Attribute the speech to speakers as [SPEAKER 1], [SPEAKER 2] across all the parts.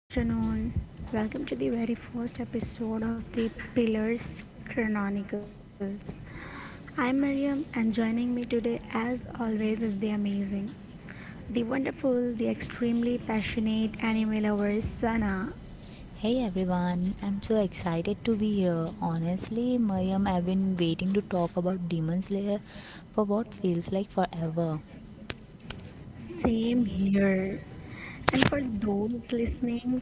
[SPEAKER 1] A very good afternoon. Welcome to the very first episode of the Pillars Chronicles. I'm Miriam, and joining me today, as always, is the amazing, the wonderful, the extremely passionate anime lover Sana.
[SPEAKER 2] Hey everyone, I'm so excited to be here. Honestly, Mariam, I've been waiting to talk about Demon Slayer for what feels like forever.
[SPEAKER 1] Same here. And for those listening,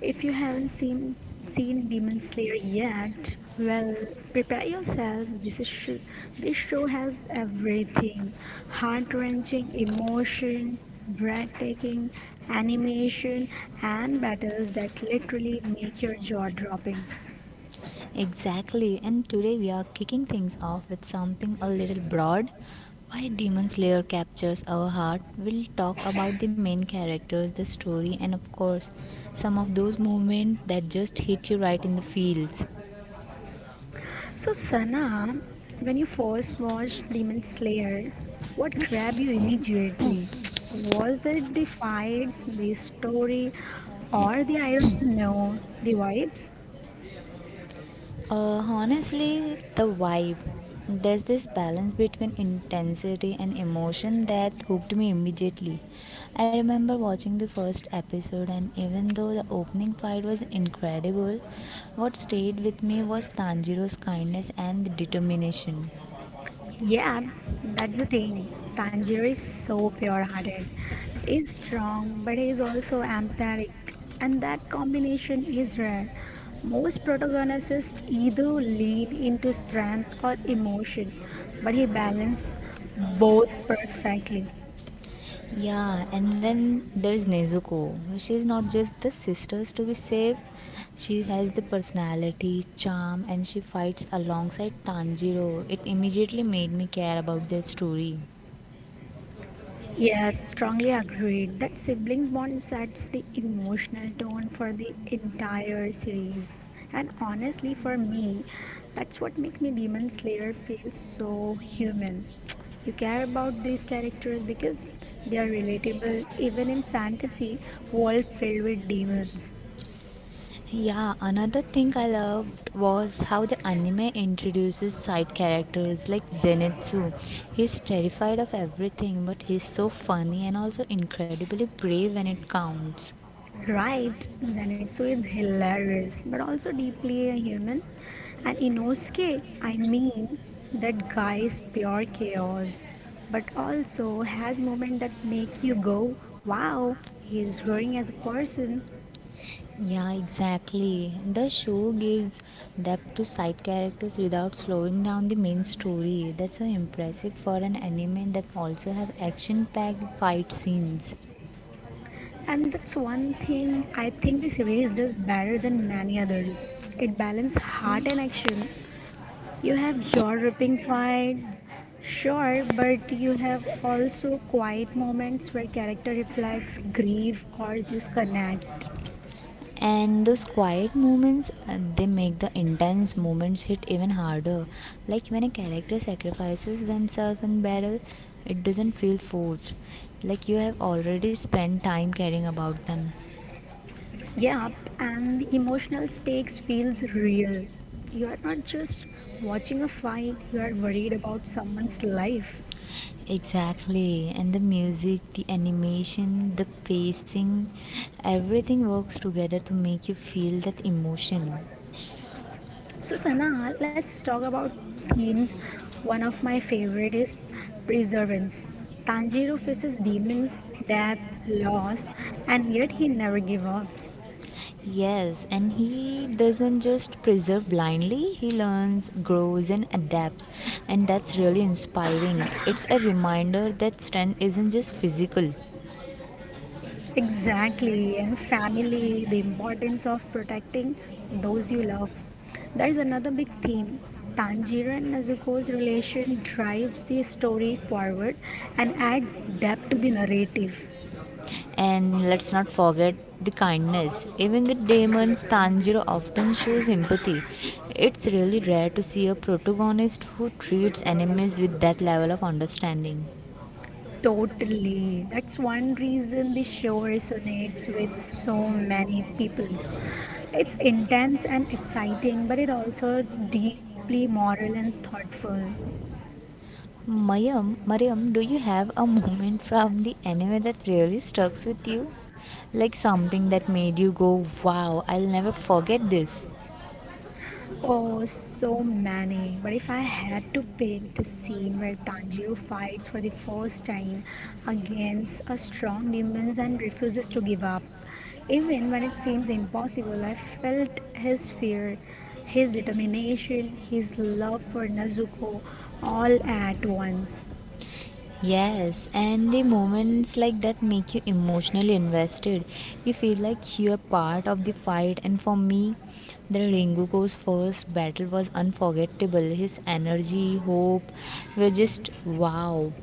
[SPEAKER 1] if you haven't seen Demon Slayer yet, well, prepare yourself. This show has everything: heart-wrenching emotion, breathtaking animation, and battles that literally make your jaw dropping.
[SPEAKER 2] Exactly, and today we are kicking things off with something a little broad. Why Demon Slayer captures our heart, we'll talk about the main characters, the story, and of course, some of those moments that just hit you right in the feels.
[SPEAKER 1] So, Sana, when you first watched Demon Slayer, what grabbed you immediately? Was it the fights, the story, or the I don't know, the vibes?
[SPEAKER 2] Honestly, the vibe. There's this balance between intensity and emotion that hooked me immediately. I remember watching the first episode, and even though the opening fight was incredible, what stayed with me was Tanjiro's kindness and determination.
[SPEAKER 1] Yeah, that's the thing. Tanjiro is so pure-hearted. He's strong, but he's also empathetic, and that combination is rare. Most protagonists either lean into strength or emotion, but he balances both perfectly.
[SPEAKER 2] Yeah, and then there's Nezuko. She's not just the sisters to be saved, she has the personality, charm, and she fights alongside Tanjiro. It immediately made me care about their story.
[SPEAKER 1] Yes, strongly agreed that siblings bond sets the emotional tone for the entire series. And honestly, for me, that's what makes me Demon Slayer feel so human. You care about these characters because they are relatable even in fantasy world filled with demons.
[SPEAKER 2] Yeah, another thing I loved was how the anime introduces side characters like Zenitsu. He's terrified of everything, but he's so funny and also incredibly brave when it counts.
[SPEAKER 1] Right, Zenitsu is hilarious but also deeply a human. And Inosuke, I mean, that guy is pure chaos, but also has moments that make you go, wow, he is growing as a person.
[SPEAKER 2] Yeah, exactly. The show gives depth to side characters without slowing down the main story. That's so impressive for an anime that also have action-packed fight scenes.
[SPEAKER 1] And that's one thing I think the series does better than many others. It balances heart and action. You have jaw-dropping fights, sure, but you have also quiet moments where character reflects, grief, or just connect.
[SPEAKER 2] And those quiet moments, they make the intense moments hit even harder. Like when a character sacrifices themselves in battle, it doesn't feel forced. Like you have already spent time caring about them.
[SPEAKER 1] Yep, and the emotional stakes feels real. You are not just watching a fight, you are worried about someone's life.
[SPEAKER 2] Exactly, and the music, the animation, the pacing, everything works together to make you feel that emotion.
[SPEAKER 1] So Sana, let's talk about themes. One of my favorite is perseverance. Tanjiro faces demons, death, loss, and yet he never gives up.
[SPEAKER 2] Yes, and he doesn't just preserve blindly, he learns, grows, and adapts, and that's really inspiring. It's a reminder that strength isn't just physical.
[SPEAKER 1] Exactly, and family, the importance of protecting those you love. That is another big theme. Tanjiro and Nezuko's relation drives the story forward and adds depth to the narrative.
[SPEAKER 2] And let's not forget the kindness. Even the demons Tanjiro often shows empathy. It's really rare to see a protagonist who treats enemies with that level of understanding.
[SPEAKER 1] Totally. That's one reason the show resonates with so many peoples. It's intense and exciting, but it also deeply moral and thoughtful.
[SPEAKER 2] Mariam, do you have a moment from the anime that really stuck with you? Like something that made you go, wow, I'll never forget this.
[SPEAKER 1] Oh, so many. But if I had to pick the scene where Tanjiro fights for the first time against a strong demon and refuses to give up, even when it seems impossible, I felt his fear, his determination, his love for Nezuko all at once.
[SPEAKER 2] Yes, and the moments like that make you emotionally invested. You feel like you're part of the fight, and for me, the Rengoku's first battle was unforgettable. His energy, hope were just wow.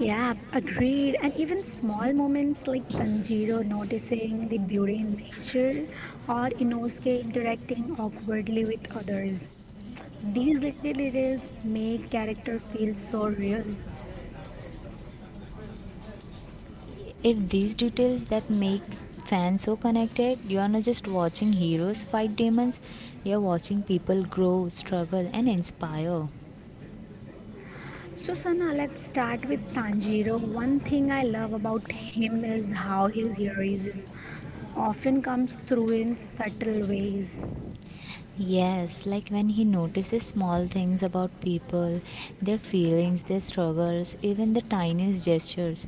[SPEAKER 1] Yeah, agreed. And even small moments like Tanjiro noticing the beauty in nature or Inosuke interacting awkwardly with others. These little details make character feel so real.
[SPEAKER 2] If these details that makes fans so connected, you are not just watching heroes fight demons, you're watching people grow, struggle, and inspire.
[SPEAKER 1] So Sana, let's start with Tanjiro. One thing I love about him is how his heroism often comes through in subtle ways.
[SPEAKER 2] Yes, like when he notices small things about people, their feelings, their struggles, even the tiniest gestures.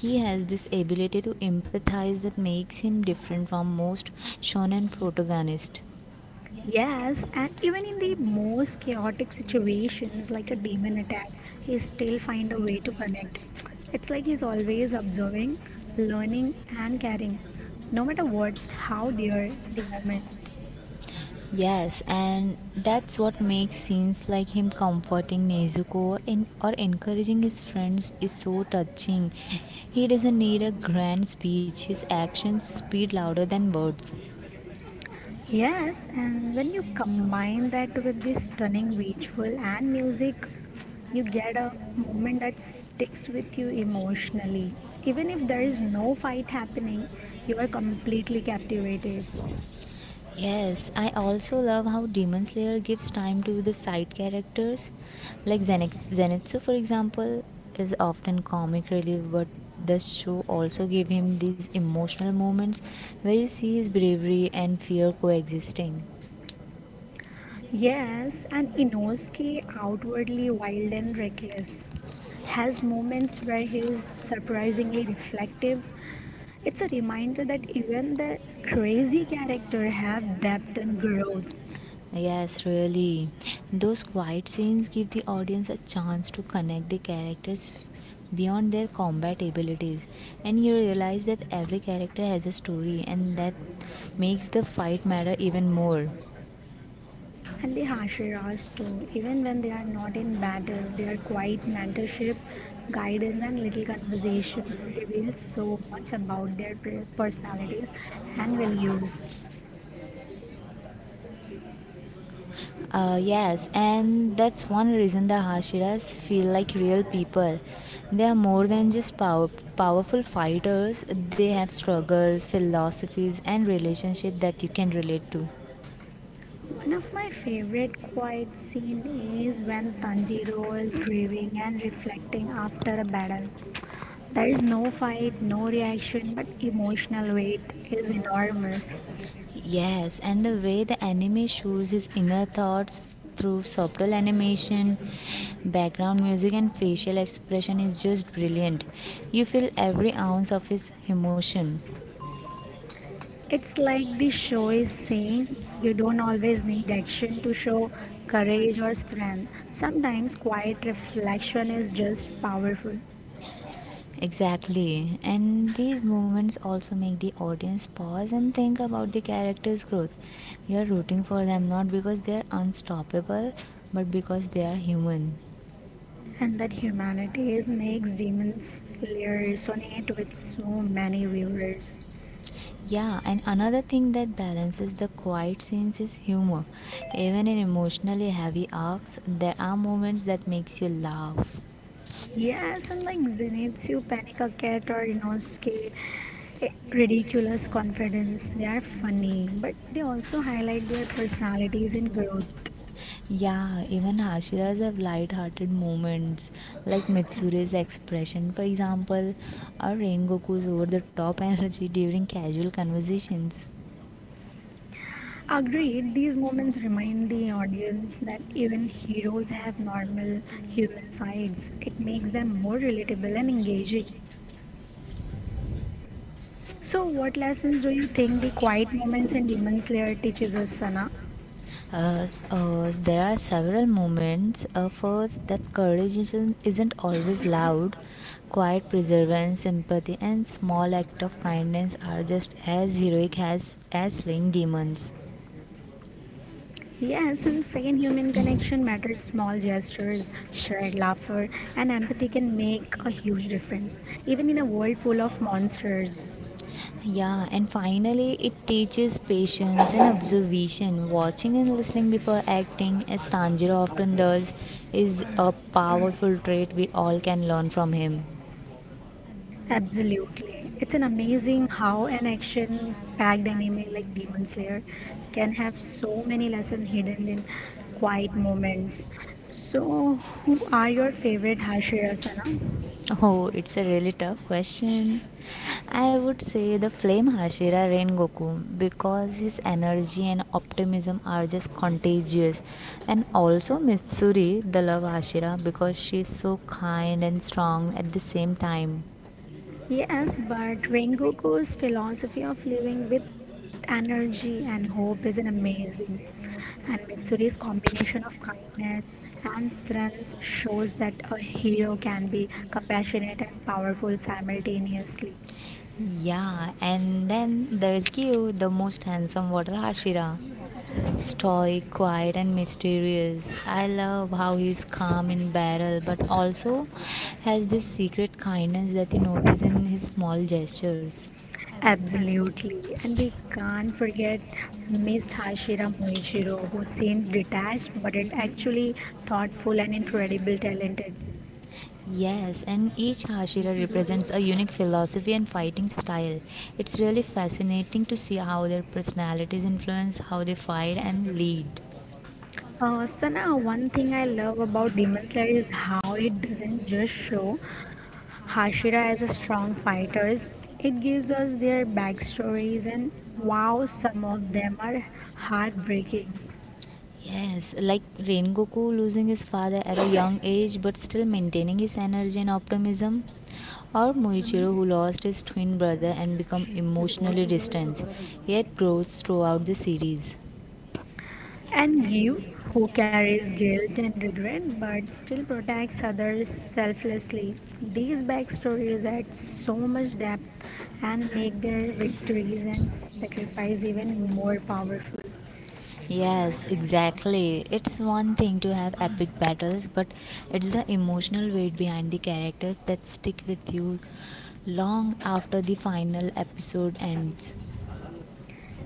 [SPEAKER 2] He has this ability to empathize that makes him different from most shonen protagonists.
[SPEAKER 1] Yes, and even in the most chaotic situations like a demon attack, he still find a way to connect. It's like he's always observing, learning and caring, no matter what how dear the moment.
[SPEAKER 2] Yes, and that's what makes scenes like him comforting Nezuko and or encouraging his friends is so touching. He doesn't need a grand speech. His actions speak louder than words.
[SPEAKER 1] Yes, and when you combine that with the stunning visual and music, you get a moment that sticks with you emotionally. Even if there is no fight happening, you are completely captivated.
[SPEAKER 2] Yes, I also love how Demon Slayer gives time to the side characters. Like Zenitsu, for example, is often comic relief, but the show also gave him these emotional moments where you see his bravery and fear coexisting.
[SPEAKER 1] Yes, and Inosuke, outwardly wild and reckless, has moments where he is surprisingly reflective. It's a reminder that even the crazy character have depth and growth.
[SPEAKER 2] Yes, really. Those quiet scenes give the audience a chance to connect the characters beyond their combat abilities, and you realize that every character has a story, and that makes the fight matter even more.
[SPEAKER 1] And the Hashiras too, even when they are not in battle, their quiet mentorship, guidance, and little conversations reveal so much about their personalities and values.
[SPEAKER 2] Yes, and that's one reason the Hashiras feel like real people. They are more than just powerful fighters, they have struggles, philosophies, and relationships that you can relate to.
[SPEAKER 1] One of my favorite quiet scene is when Tanjiro is grieving and reflecting after a battle. There is no fight, no reaction, but emotional weight is enormous.
[SPEAKER 2] Yes, and the way the anime shows his inner thoughts through subtle animation, background music, and facial expression is just brilliant. You feel every ounce of his emotion.
[SPEAKER 1] It's like the show is saying you don't always need action to show courage or strength. Sometimes quiet reflection is just powerful.
[SPEAKER 2] Exactly, and these moments also make the audience pause and think about the character's growth. You're rooting for them not because they're unstoppable, but because they are human.
[SPEAKER 1] And that humanity is makes demons layer resonate with so many viewers.
[SPEAKER 2] Yeah, and another thing that balances the quiet scenes is humor. Even in emotionally heavy arcs, there are moments that makes you laugh.
[SPEAKER 1] Yes, and like Zeniths, you panic a cat or Inosuke, ridiculous confidence. They are funny, but they also highlight their personalities and growth.
[SPEAKER 2] Yeah, even Hashiras have light-hearted moments, like Mitsure's expression, for example, or Rengoku's over-the-top energy during casual conversations.
[SPEAKER 1] Agreed, these moments remind the audience that even heroes have normal human sides. It makes them more relatable and engaging. So, what lessons do you think the quiet moments in Demon Slayer teaches us, Sana?
[SPEAKER 2] There are several moments. First, that courage isn't always loud. Quiet perseverance, empathy, and small act of kindness are just as heroic as slaying demons.
[SPEAKER 1] Yes, and second, human connection matters. Small gestures, shared laughter, and empathy can make a huge difference, even in a world full of monsters.
[SPEAKER 2] Yeah, and finally, it teaches patience and observation. Watching and listening before acting, as Tanjiro often does, is a powerful trait we all can learn from him.
[SPEAKER 1] Absolutely. It's an amazing how an action packed anime like Demon Slayer can have so many lessons hidden in quiet moments. So, who are your favorite Hashira Sana?
[SPEAKER 2] Oh, it's a really tough question. I would say the flame Hashira Rengoku because his energy and optimism are just contagious. And also Mitsuri, the love Hashira, because she's so kind and strong at the same time.
[SPEAKER 1] Yes, but Rengoku's philosophy of living with energy and hope is an amazing. And Mitsuri's combination of kindness and strength shows that a hero can be compassionate and powerful simultaneously.
[SPEAKER 2] Yeah, and then there's Kyu, the most handsome water Hashira. Stoic, quiet, and mysterious. I love how he's calm in battle, but also has this secret kindness that you notice in his small gestures.
[SPEAKER 1] Absolutely. And we can't forget Miss Hashira Moichiro, who seems detached but is actually thoughtful and incredibly talented.
[SPEAKER 2] Yes, and each Hashira represents a unique philosophy and fighting style. It's really fascinating to see how their personalities influence how they fight and lead.
[SPEAKER 1] Sana, one thing I love about Demon Slayer is how it doesn't just show Hashira as a strong fighter. It gives us their backstories, and wow, some of them are heartbreaking.
[SPEAKER 2] Yes, like Rengoku losing his father at a young age but still maintaining his energy and optimism, or Muichiro, who lost his twin brother and become emotionally distant, yet grows throughout the series.
[SPEAKER 1] And Gyu, who carries guilt and regret but still protects others selflessly. These backstories add so much depth and make their victories and sacrifice even more powerful.
[SPEAKER 2] Yes, exactly. It's one thing to have epic battles, but it's the emotional weight behind the characters that stick with you long after the final episode ends.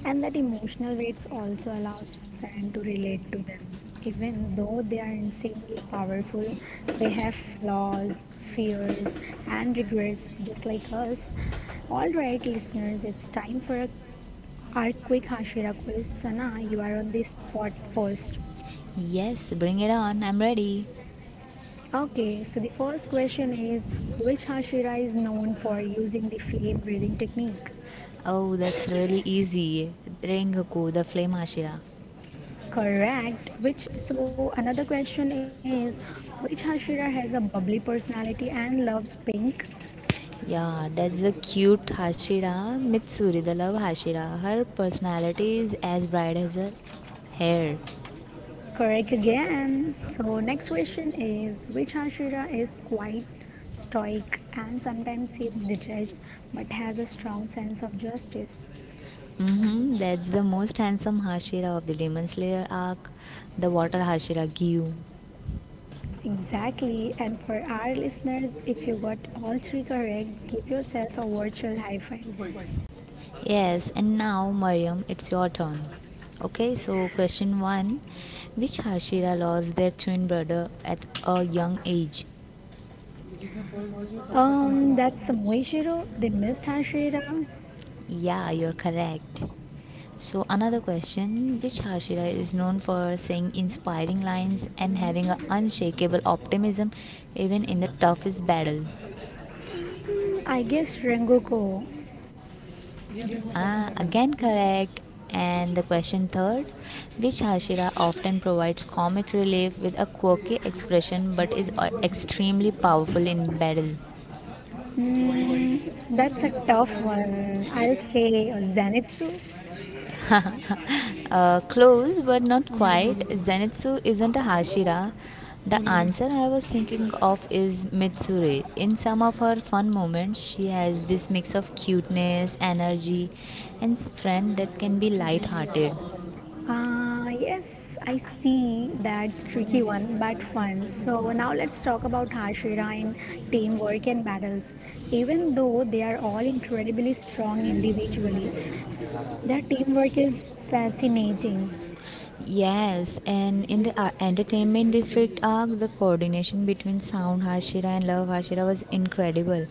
[SPEAKER 1] And that emotional weights also allows fans to relate to them. Even though they are insanely powerful, they have flaws, fears, and regrets just like us. All right, listeners, it's time for our quick Hashira quiz. Sana, you are on the spot first.
[SPEAKER 2] Yes, bring it on. I'm ready.
[SPEAKER 1] Okay, so the first question is which Hashira is known for using the flame breathing technique?
[SPEAKER 2] Oh, that's really easy. Rengoku, the flame Ashira.
[SPEAKER 1] Correct. Which so another question is, which Hashira has a bubbly personality and loves pink?
[SPEAKER 2] Yeah, that's the cute Hashira, Mitsuri, the love Hashira. Her personality is as bright as her hair.
[SPEAKER 1] Correct again. So next question is, which Hashira is quite stoic and sometimes seems detached, but has a strong sense of justice?
[SPEAKER 2] Mm-hmm, that's the most handsome Hashira of the Demon Slayer arc, the water Hashira Gyu.
[SPEAKER 1] Exactly. And for our listeners, if you got all three correct, give yourself a virtual high five.
[SPEAKER 2] Yes, and now, Mariam, it's your turn. Okay, so question 1, which Hashira lost their twin brother at a young age?
[SPEAKER 1] That's Samoishiro. They missed Hashira.
[SPEAKER 2] Yeah, you're correct. So, another question: which Hashira is known for saying inspiring lines and having an unshakable optimism even in the toughest battle?
[SPEAKER 1] Hmm, I guess Rengoko.
[SPEAKER 2] Ah, again, correct. And the question third: which Hashira often provides comic relief with a quirky expression but is extremely powerful in battle?
[SPEAKER 1] Mm, that's a tough one. I'll say Zenitsu.
[SPEAKER 2] Close but not quite. Zenitsu isn't a Hashira. The answer I was thinking of is Mitsuri. In some of her fun moments, she has this mix of cuteness, energy, and strength that can be light-hearted.
[SPEAKER 1] Yes, I see that's tricky one, but fun. So now let's talk about Hashira in teamwork and battles. Even though they are all incredibly strong individually, their teamwork is fascinating.
[SPEAKER 2] Yes, and in the entertainment district arc, the coordination between Sound Hashira and Love Hashira was incredible.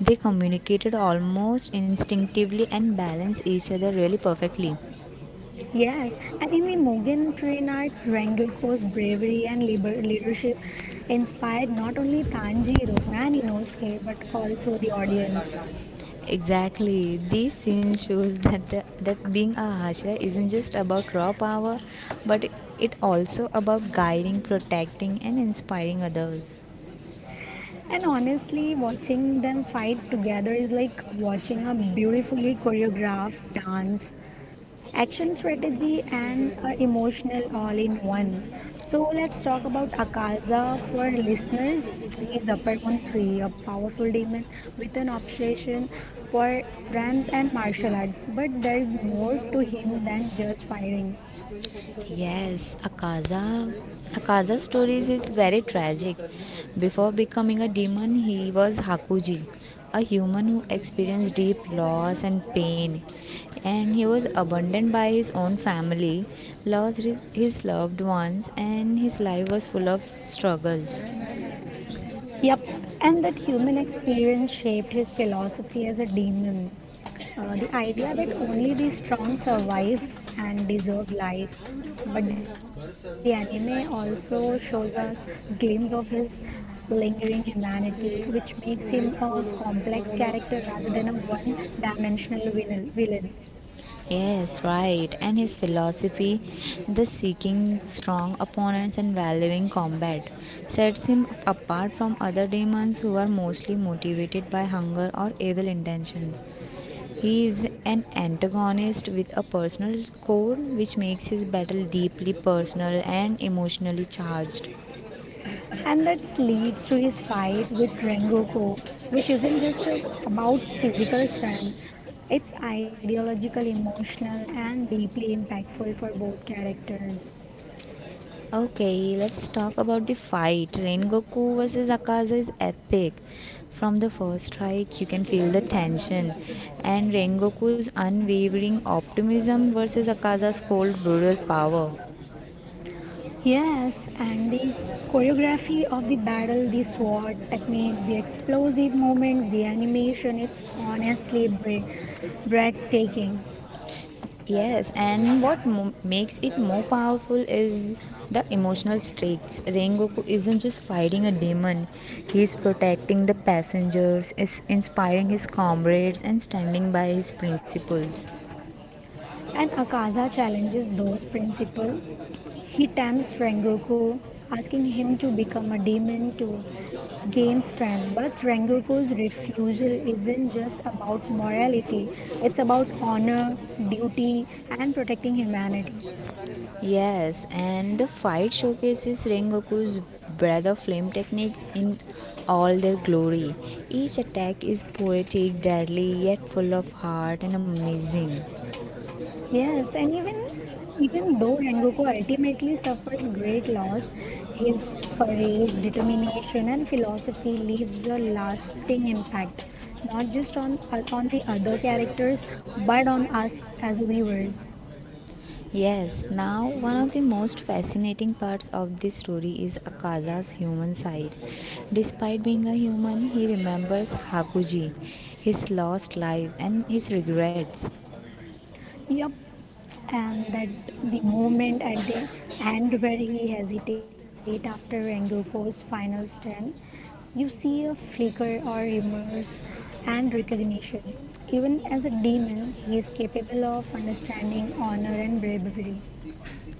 [SPEAKER 2] They communicated almost instinctively and balanced each other really perfectly.
[SPEAKER 1] Yes, and in the Mugen train art, Rengoku's bravery and leadership inspired not only Tanjiro and Inosuke but also the audience.
[SPEAKER 2] Exactly. This scene shows that being a Hashira isn't just about raw power, but it also about guiding, protecting, and inspiring others.
[SPEAKER 1] And honestly, watching them fight together is like watching a beautifully choreographed dance, action strategy, and emotional all in one. So let's talk about Akaza for listeners. He's upper on three, a powerful demon with an obsession for strength and martial arts. But there is more to him than just fighting.
[SPEAKER 2] Yes, Akaza. Akaza's stories is very tragic. Before becoming a demon, he was Hakuji, a human who experienced deep loss and pain, and he was abandoned by his own family, lost his loved ones, and his life was full of struggles.
[SPEAKER 1] Yep, and that human experience shaped his philosophy as a demon. The idea that only the strong survive and deserve life. But the anime also shows us glimpse of his lingering humanity, which makes him a complex character rather than a one dimensional villain.
[SPEAKER 2] Yes, right. And his philosophy, the seeking strong opponents and valuing combat, sets him apart from other demons who are mostly motivated by hunger or evil intentions. He is an antagonist with a personal core which makes his battle deeply personal and emotionally charged.
[SPEAKER 1] And that leads to his fight with Rengoku, which isn't just about physical strength, it's ideological, emotional, and deeply impactful for both characters.
[SPEAKER 2] Okay, let's talk about the fight. Rengoku versus Akaza is epic. From the first strike, you can feel the tension. And Rengoku's unwavering optimism versus Akaza's cold, brutal power.
[SPEAKER 1] Yes, and the choreography of the battle, the sword techniques, the explosive movements, the animation, it's honestly breathtaking.
[SPEAKER 2] Yes, and makes it more powerful is the emotional stakes. Rengoku isn't just fighting a demon, he's protecting the passengers, is inspiring his comrades, and standing by his principles.
[SPEAKER 1] And Akaza challenges those principles. He tempts Rengoku, asking him to become a demon to gain strength. But Rengoku's refusal isn't just about morality, it's about honor, duty, and protecting humanity.
[SPEAKER 2] Yes, and the fight showcases Rengoku's breath of flame techniques in all their glory. Each attack is poetic, deadly, yet full of heart and amazing.
[SPEAKER 1] Yes, and even though Rengoku ultimately suffers great loss, his courage, determination, and philosophy leaves a lasting impact, not just on the other characters, but on us as viewers.
[SPEAKER 2] Yes, now one of the most fascinating parts of this story is Akaza's human side. Despite being a human, he remembers Hakuji, his lost life, and his regrets.
[SPEAKER 1] Yep, and that the moment at the end where he hesitates after Rengoku's final stand, you see a flicker or remorse and recognition. Even as a demon, he is capable of understanding honor and bravery.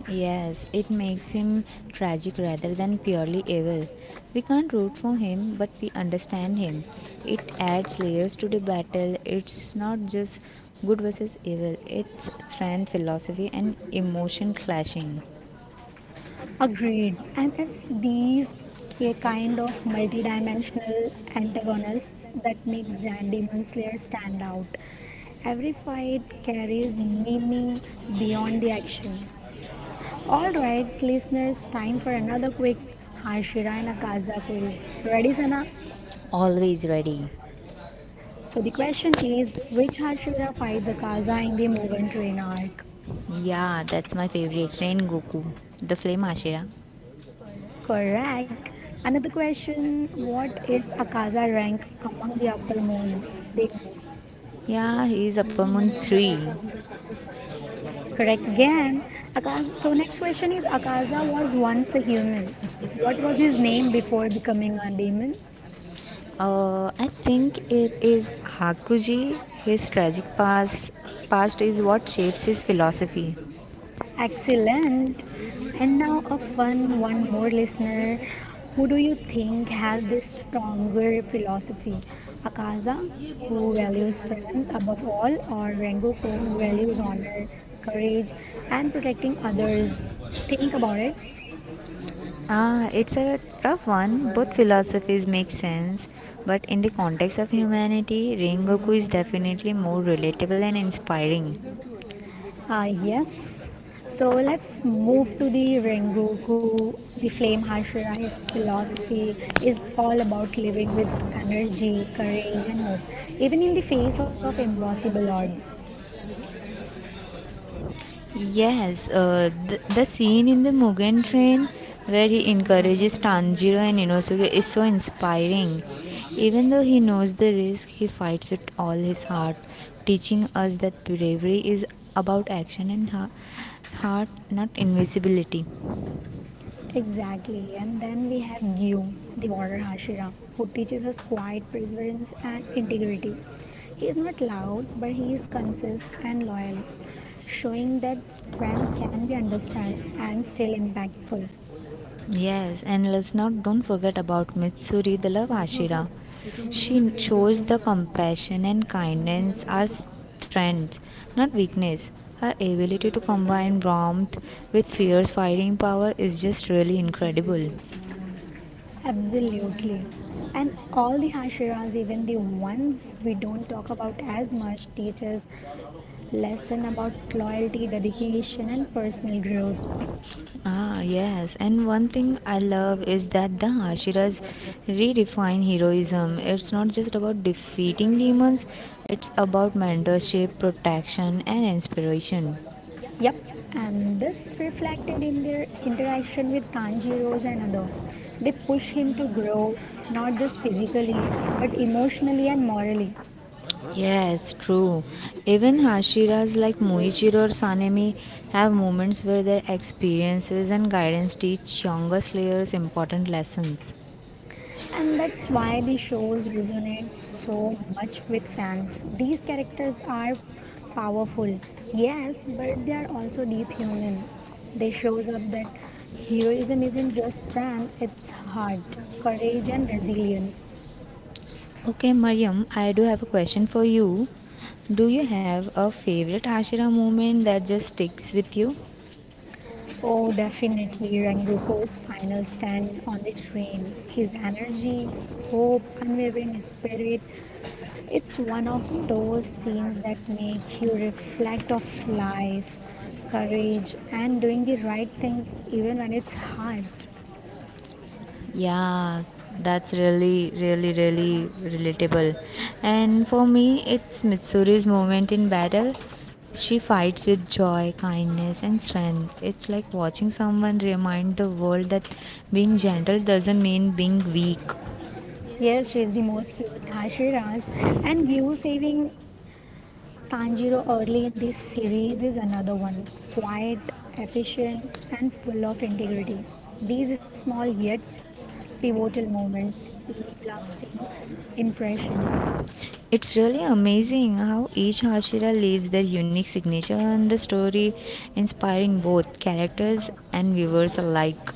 [SPEAKER 2] Yes, it makes him tragic rather than purely evil. We can't root for him, but we understand him. It adds layers to the battle. It's not just good versus evil, it's strength, philosophy, and emotion clashing.
[SPEAKER 1] Agreed, and it's these kind of multidimensional antagonists that makes Demon Slayer stand out. Every fight carries meaning beyond the action. All right, listeners, time for another quick Hashira and Akaza quiz. Ready, Sana?
[SPEAKER 2] Always ready.
[SPEAKER 1] So the question is, which Hashira fights Akaza in the Mugen Train arc?
[SPEAKER 2] Yeah, that's my favorite. Rain Goku, the Flame Ashira.
[SPEAKER 1] Correct. Another question, what is Akaza rank among the upper moon demons?
[SPEAKER 2] Yeah, he's Upper Moon 3.
[SPEAKER 1] Correct again. Akaza, so next question is, Akaza was once a human. What was his name before becoming a demon?
[SPEAKER 2] I think it is Hakuji. His tragic past is what shapes his philosophy.
[SPEAKER 1] Excellent. And now a fun one more listener. Who do you think has this stronger philosophy? Akaza, who values strength above all, or Rengoku, who values honor, courage, and protecting others? Think about it.
[SPEAKER 2] Ah, it's a tough one. Both philosophies make sense, but in the context of humanity, Rengoku is definitely more relatable and inspiring.
[SPEAKER 1] Yes. So let's move to the Rengoku. The flame Hashirai's philosophy is all about living with energy, courage, and hope, even in the face of impossible odds.
[SPEAKER 2] Yes, the scene in the Mugen Train where he encourages Tanjiro and Inosuke is so inspiring. Even though he knows the risk, he fights with all his heart, teaching us that bravery is about action and heart, not invisibility.
[SPEAKER 1] Exactly. And then we have Gyu, the warrior Hashira, who teaches us quiet perseverance and integrity. He is not loud, but he is consistent and loyal, showing that strength can be understood and still impactful.
[SPEAKER 2] Yes, and let's not don't forget about Mitsuri, the love Ashira. She shows the compassion and kindness are strengths, not weakness. Her ability to combine warmth with fierce fighting power is just really incredible.
[SPEAKER 1] Absolutely. And all the Hashiras, even the ones we don't talk about as much, teach us lesson about loyalty, dedication, and personal growth.
[SPEAKER 2] Ah, yes. And one thing I love is that the Hashiras redefine heroism. It's not just about defeating demons, it's about mentorship, protection, and inspiration.
[SPEAKER 1] Yep, and this reflected in their interaction with Tanjiro's and other. They push him to grow, not just physically, but emotionally and morally.
[SPEAKER 2] Yes, true. Even Hashiras like Moichiro or Sanemi have moments where their experiences and guidance teach younger slayers important lessons.
[SPEAKER 1] And that's why the shows resonate so much with fans. These characters are powerful, yes, but they are also deep human. They shows up that heroism isn't just strength, it's heart, courage and resilience.
[SPEAKER 2] Okay, Mariam, I do have a question for you. Do you have a favorite Hashira moment that just sticks with you?
[SPEAKER 1] Oh, definitely Rengoku's final stand on the train. His energy, hope, unwavering spirit, it's one of those scenes that make you reflect of life, courage, and doing the right thing even when it's hard.
[SPEAKER 2] Yeah, that's really, really, really relatable. And for me, it's Mitsuri's moment in battle. She fights with joy, kindness, and strength. It's like watching someone remind the world that being gentle doesn't mean being weak.
[SPEAKER 1] Yes, she's the most cute Hashiras, and you saving Tanjiro early in this series is another one. Quiet, efficient, and full of integrity. These small yet pivotal moments leave lasting impression.
[SPEAKER 2] It's really amazing how each Hashira leaves their unique signature on the story, inspiring both characters and viewers alike.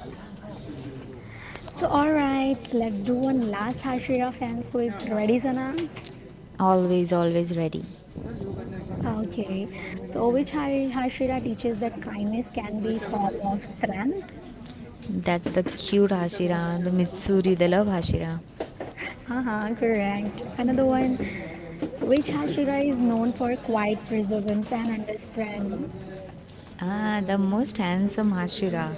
[SPEAKER 1] So, all right, let's do one last Hashira fans quiz. Ready, Sana?
[SPEAKER 2] Always, always ready.
[SPEAKER 1] Okay, so which Hashira teaches that kindness can be form of strength?
[SPEAKER 2] That's the cute Hashira, the Mitsuri, the love Hashira.
[SPEAKER 1] Uh-huh, correct. Another one, which Hashira is known for quiet perseverance and understanding.
[SPEAKER 2] Ah, the most handsome Hashira.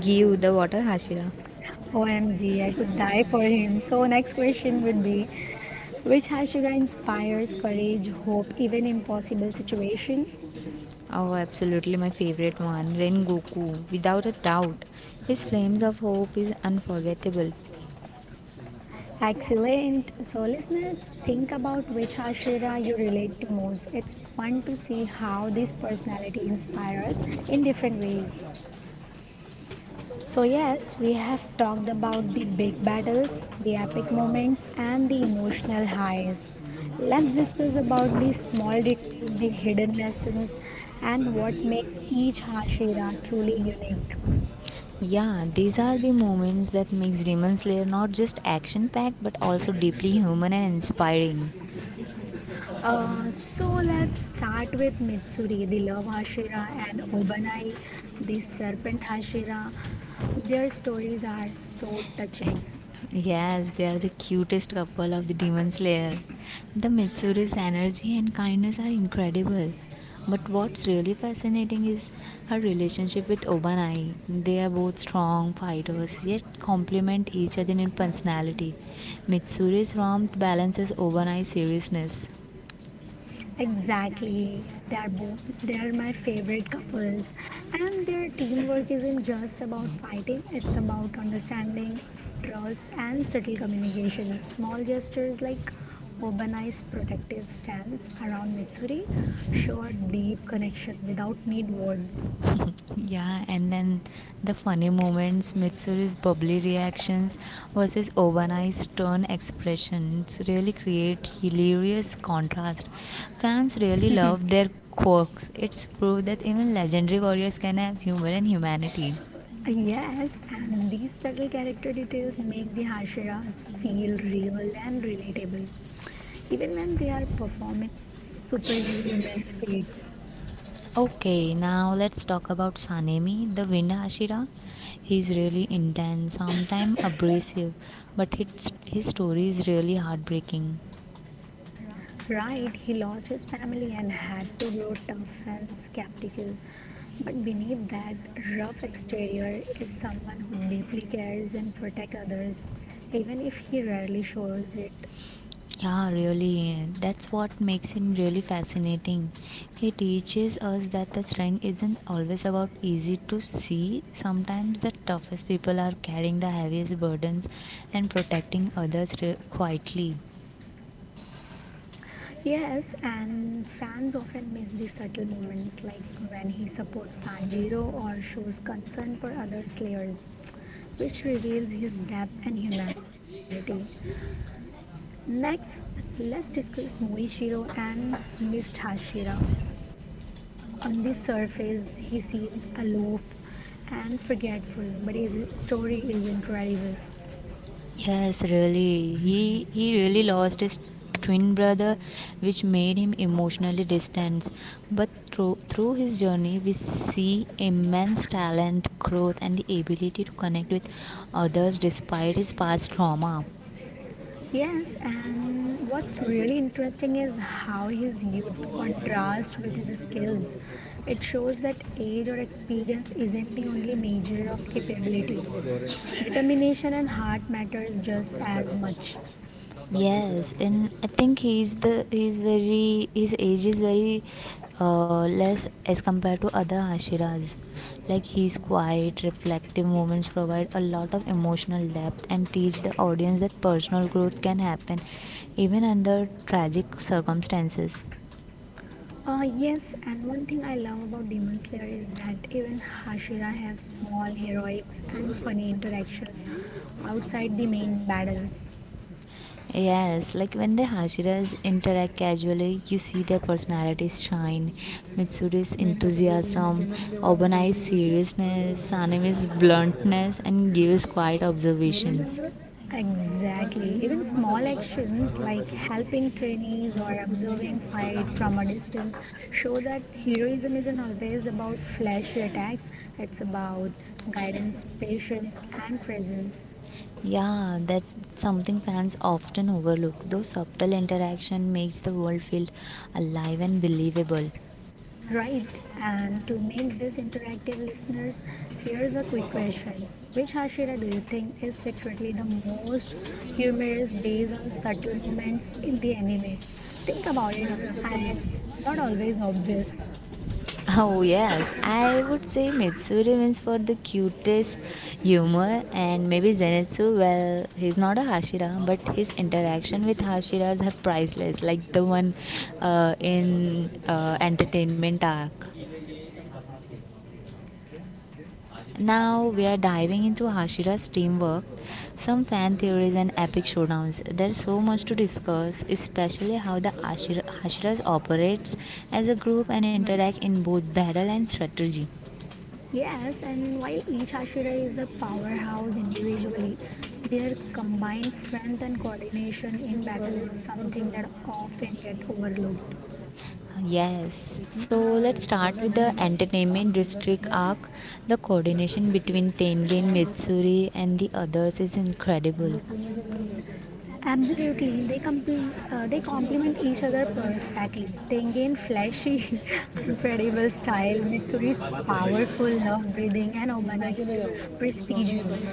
[SPEAKER 2] Give the water Hashira.
[SPEAKER 1] OMG, I could die for him. So next question would be, which Hashira inspires courage, hope, even impossible situation?
[SPEAKER 2] Oh, absolutely my favorite one, Ren Goku, without a doubt. His flames of hope is unforgettable.
[SPEAKER 1] Excellent. So, listeners, think about which Ashira you relate to most. It's fun to see how this personality inspires in different ways. So, yes, we have talked about the big battles, the epic moments, and the emotional highs. Let's discuss about the small details, the hidden lessons, and what makes each Hashira truly unique.
[SPEAKER 2] Yeah, these are the moments that makes Demon Slayer not just action-packed but also deeply human and inspiring.
[SPEAKER 1] So let's start with Mitsuri, the love Hashira, and Obanai, the serpent Hashira. Their stories are so touching.
[SPEAKER 2] Yes, they are the cutest couple of the Demon Slayer. The Mitsuri's energy and kindness are incredible. But what's really fascinating is her relationship with Obanai. They are both strong fighters yet complement each other in personality. Mitsuri's warmth balances Obanai's seriousness.
[SPEAKER 1] Exactly, they are my favorite couples, and their teamwork isn't just about fighting; it's about understanding, trust, and subtle communication. Small gestures like Obanai's protective stance around Mitsuri show a deep connection without need words.
[SPEAKER 2] Yeah, and then the funny moments, Mitsuru's bubbly reactions versus Obana's stern expressions really create hilarious contrast. Fans really love their quirks. It's proof that even legendary warriors can have humor and humanity.
[SPEAKER 1] Yes, and these subtle character details make the Hashiras feel real and relatable, even when they are performing superhuman feats.
[SPEAKER 2] Okay, now let's talk about Sanemi, the wind Hashira. He's really intense, sometimes abrasive, but his story is really heartbreaking.
[SPEAKER 1] Right, he lost his family and had to grow tough and skeptical, but beneath that rough exterior is someone who deeply cares and protects others, even if he rarely shows it.
[SPEAKER 2] Yeah, really. That's what makes him really fascinating. He teaches us that the strength isn't always about easy to see. Sometimes the toughest people are carrying the heaviest burdens and protecting others quietly.
[SPEAKER 1] Yes, and fans often miss the subtle moments like when he supports Tanjiro or shows concern for other slayers, which reveals his depth and humanity. Next, let's discuss Moichiro and Miss Hashira. On the surface, he seems aloof and forgetful, but his story is incredible.
[SPEAKER 2] Yes, really. He really lost his twin brother, which made him emotionally distant. But through his journey, we see immense talent, growth, and the ability to connect with others despite his past trauma.
[SPEAKER 1] Yes, and what's really interesting is how his youth contrasts with his skills. It shows that age or experience isn't the only measure of capability. Determination and heart matters just as much.
[SPEAKER 2] Yes, and I think he's very his age is very less as compared to other Ashiras. Like he's quiet, reflective moments provide a lot of emotional depth and teach the audience that personal growth can happen even under tragic circumstances.
[SPEAKER 1] Yes, and one thing I love about Demon Slayer is that even Hashira have small heroics and funny interactions outside the main battles.
[SPEAKER 2] Yes, like when the Hashiras interact casually, you see their personalities shine. Mitsuri's enthusiasm, Obani's seriousness, Sanemi's bluntness, and Gio's quiet observations.
[SPEAKER 1] Exactly. Even small actions like helping trainees or observing fight from a distance show that heroism isn't always about flashy attacks. It's about guidance, patience, and presence.
[SPEAKER 2] Yeah, that's something fans often overlook. Though subtle interaction makes the world feel alive and believable.
[SPEAKER 1] Right. And to make this interactive, listeners, here is a quick question: which Hashira do you think is secretly the most humorous based on subtle moments in the anime? Think about it, and it's not always obvious.
[SPEAKER 2] Oh yes, I would say Mitsuri wins for the cutest humor and maybe Zenitsu, well, he's not a Hashira, but his interaction with Hashiras are priceless, like the one in Entertainment Arc. Now we are diving into Hashira's teamwork, some fan theories and epic showdowns. There's so much to discuss, especially how the Hashiras operates as a group and interact in both battle and strategy.
[SPEAKER 1] Yes, and while each ashira is a powerhouse individually, their combined strength and coordination in battle is something that often get overlooked.
[SPEAKER 2] Yes, so let's start with the entertainment district arc. The coordination between Tengen, Mitsuri, and the others is incredible.
[SPEAKER 1] Absolutely, they complement each other perfectly. Tengen flashy, unpredictable style, Mitsuri's powerful nerve breathing, and Obana's precision.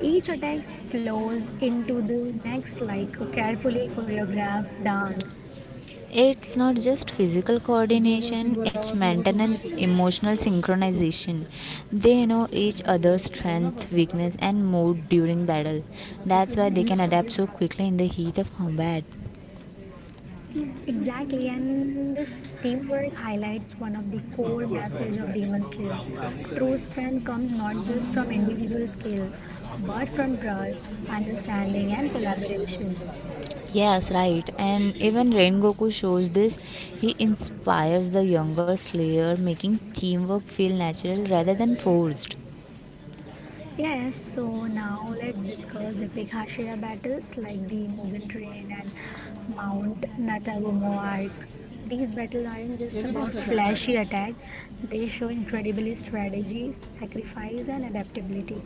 [SPEAKER 1] Each attack flows into the next like a carefully choreographed dance.
[SPEAKER 2] It's not just physical coordination, it's mental and emotional synchronization. They know each other's strength, weakness, and mood during battle. That's why they can adapt so quickly in the heat of combat.
[SPEAKER 1] Exactly, and this teamwork highlights one of the core messages of Demon Slayer. True strength comes not just from individual skill, but from trust, understanding, and collaboration.
[SPEAKER 2] Yes, right. And even Ren Goku shows this. He inspires the younger Slayer, making teamwork feel natural rather than forced.
[SPEAKER 1] Yes, so now let's discuss the epic Hashira battles like the Mugen Train and Mount Natagumo arc. These battles aren't just about flashy attack; they show incredible strategy, sacrifice, and adaptability.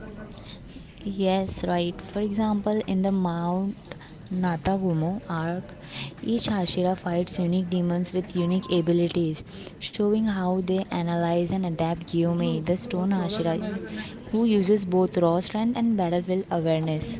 [SPEAKER 2] Yes, right. For example, in the Mount Natagumo arc, each Hashira fights unique demons with unique abilities, showing how they analyze and adapt Gyume, the stone Hashira, who uses both raw strength and battlefield awareness.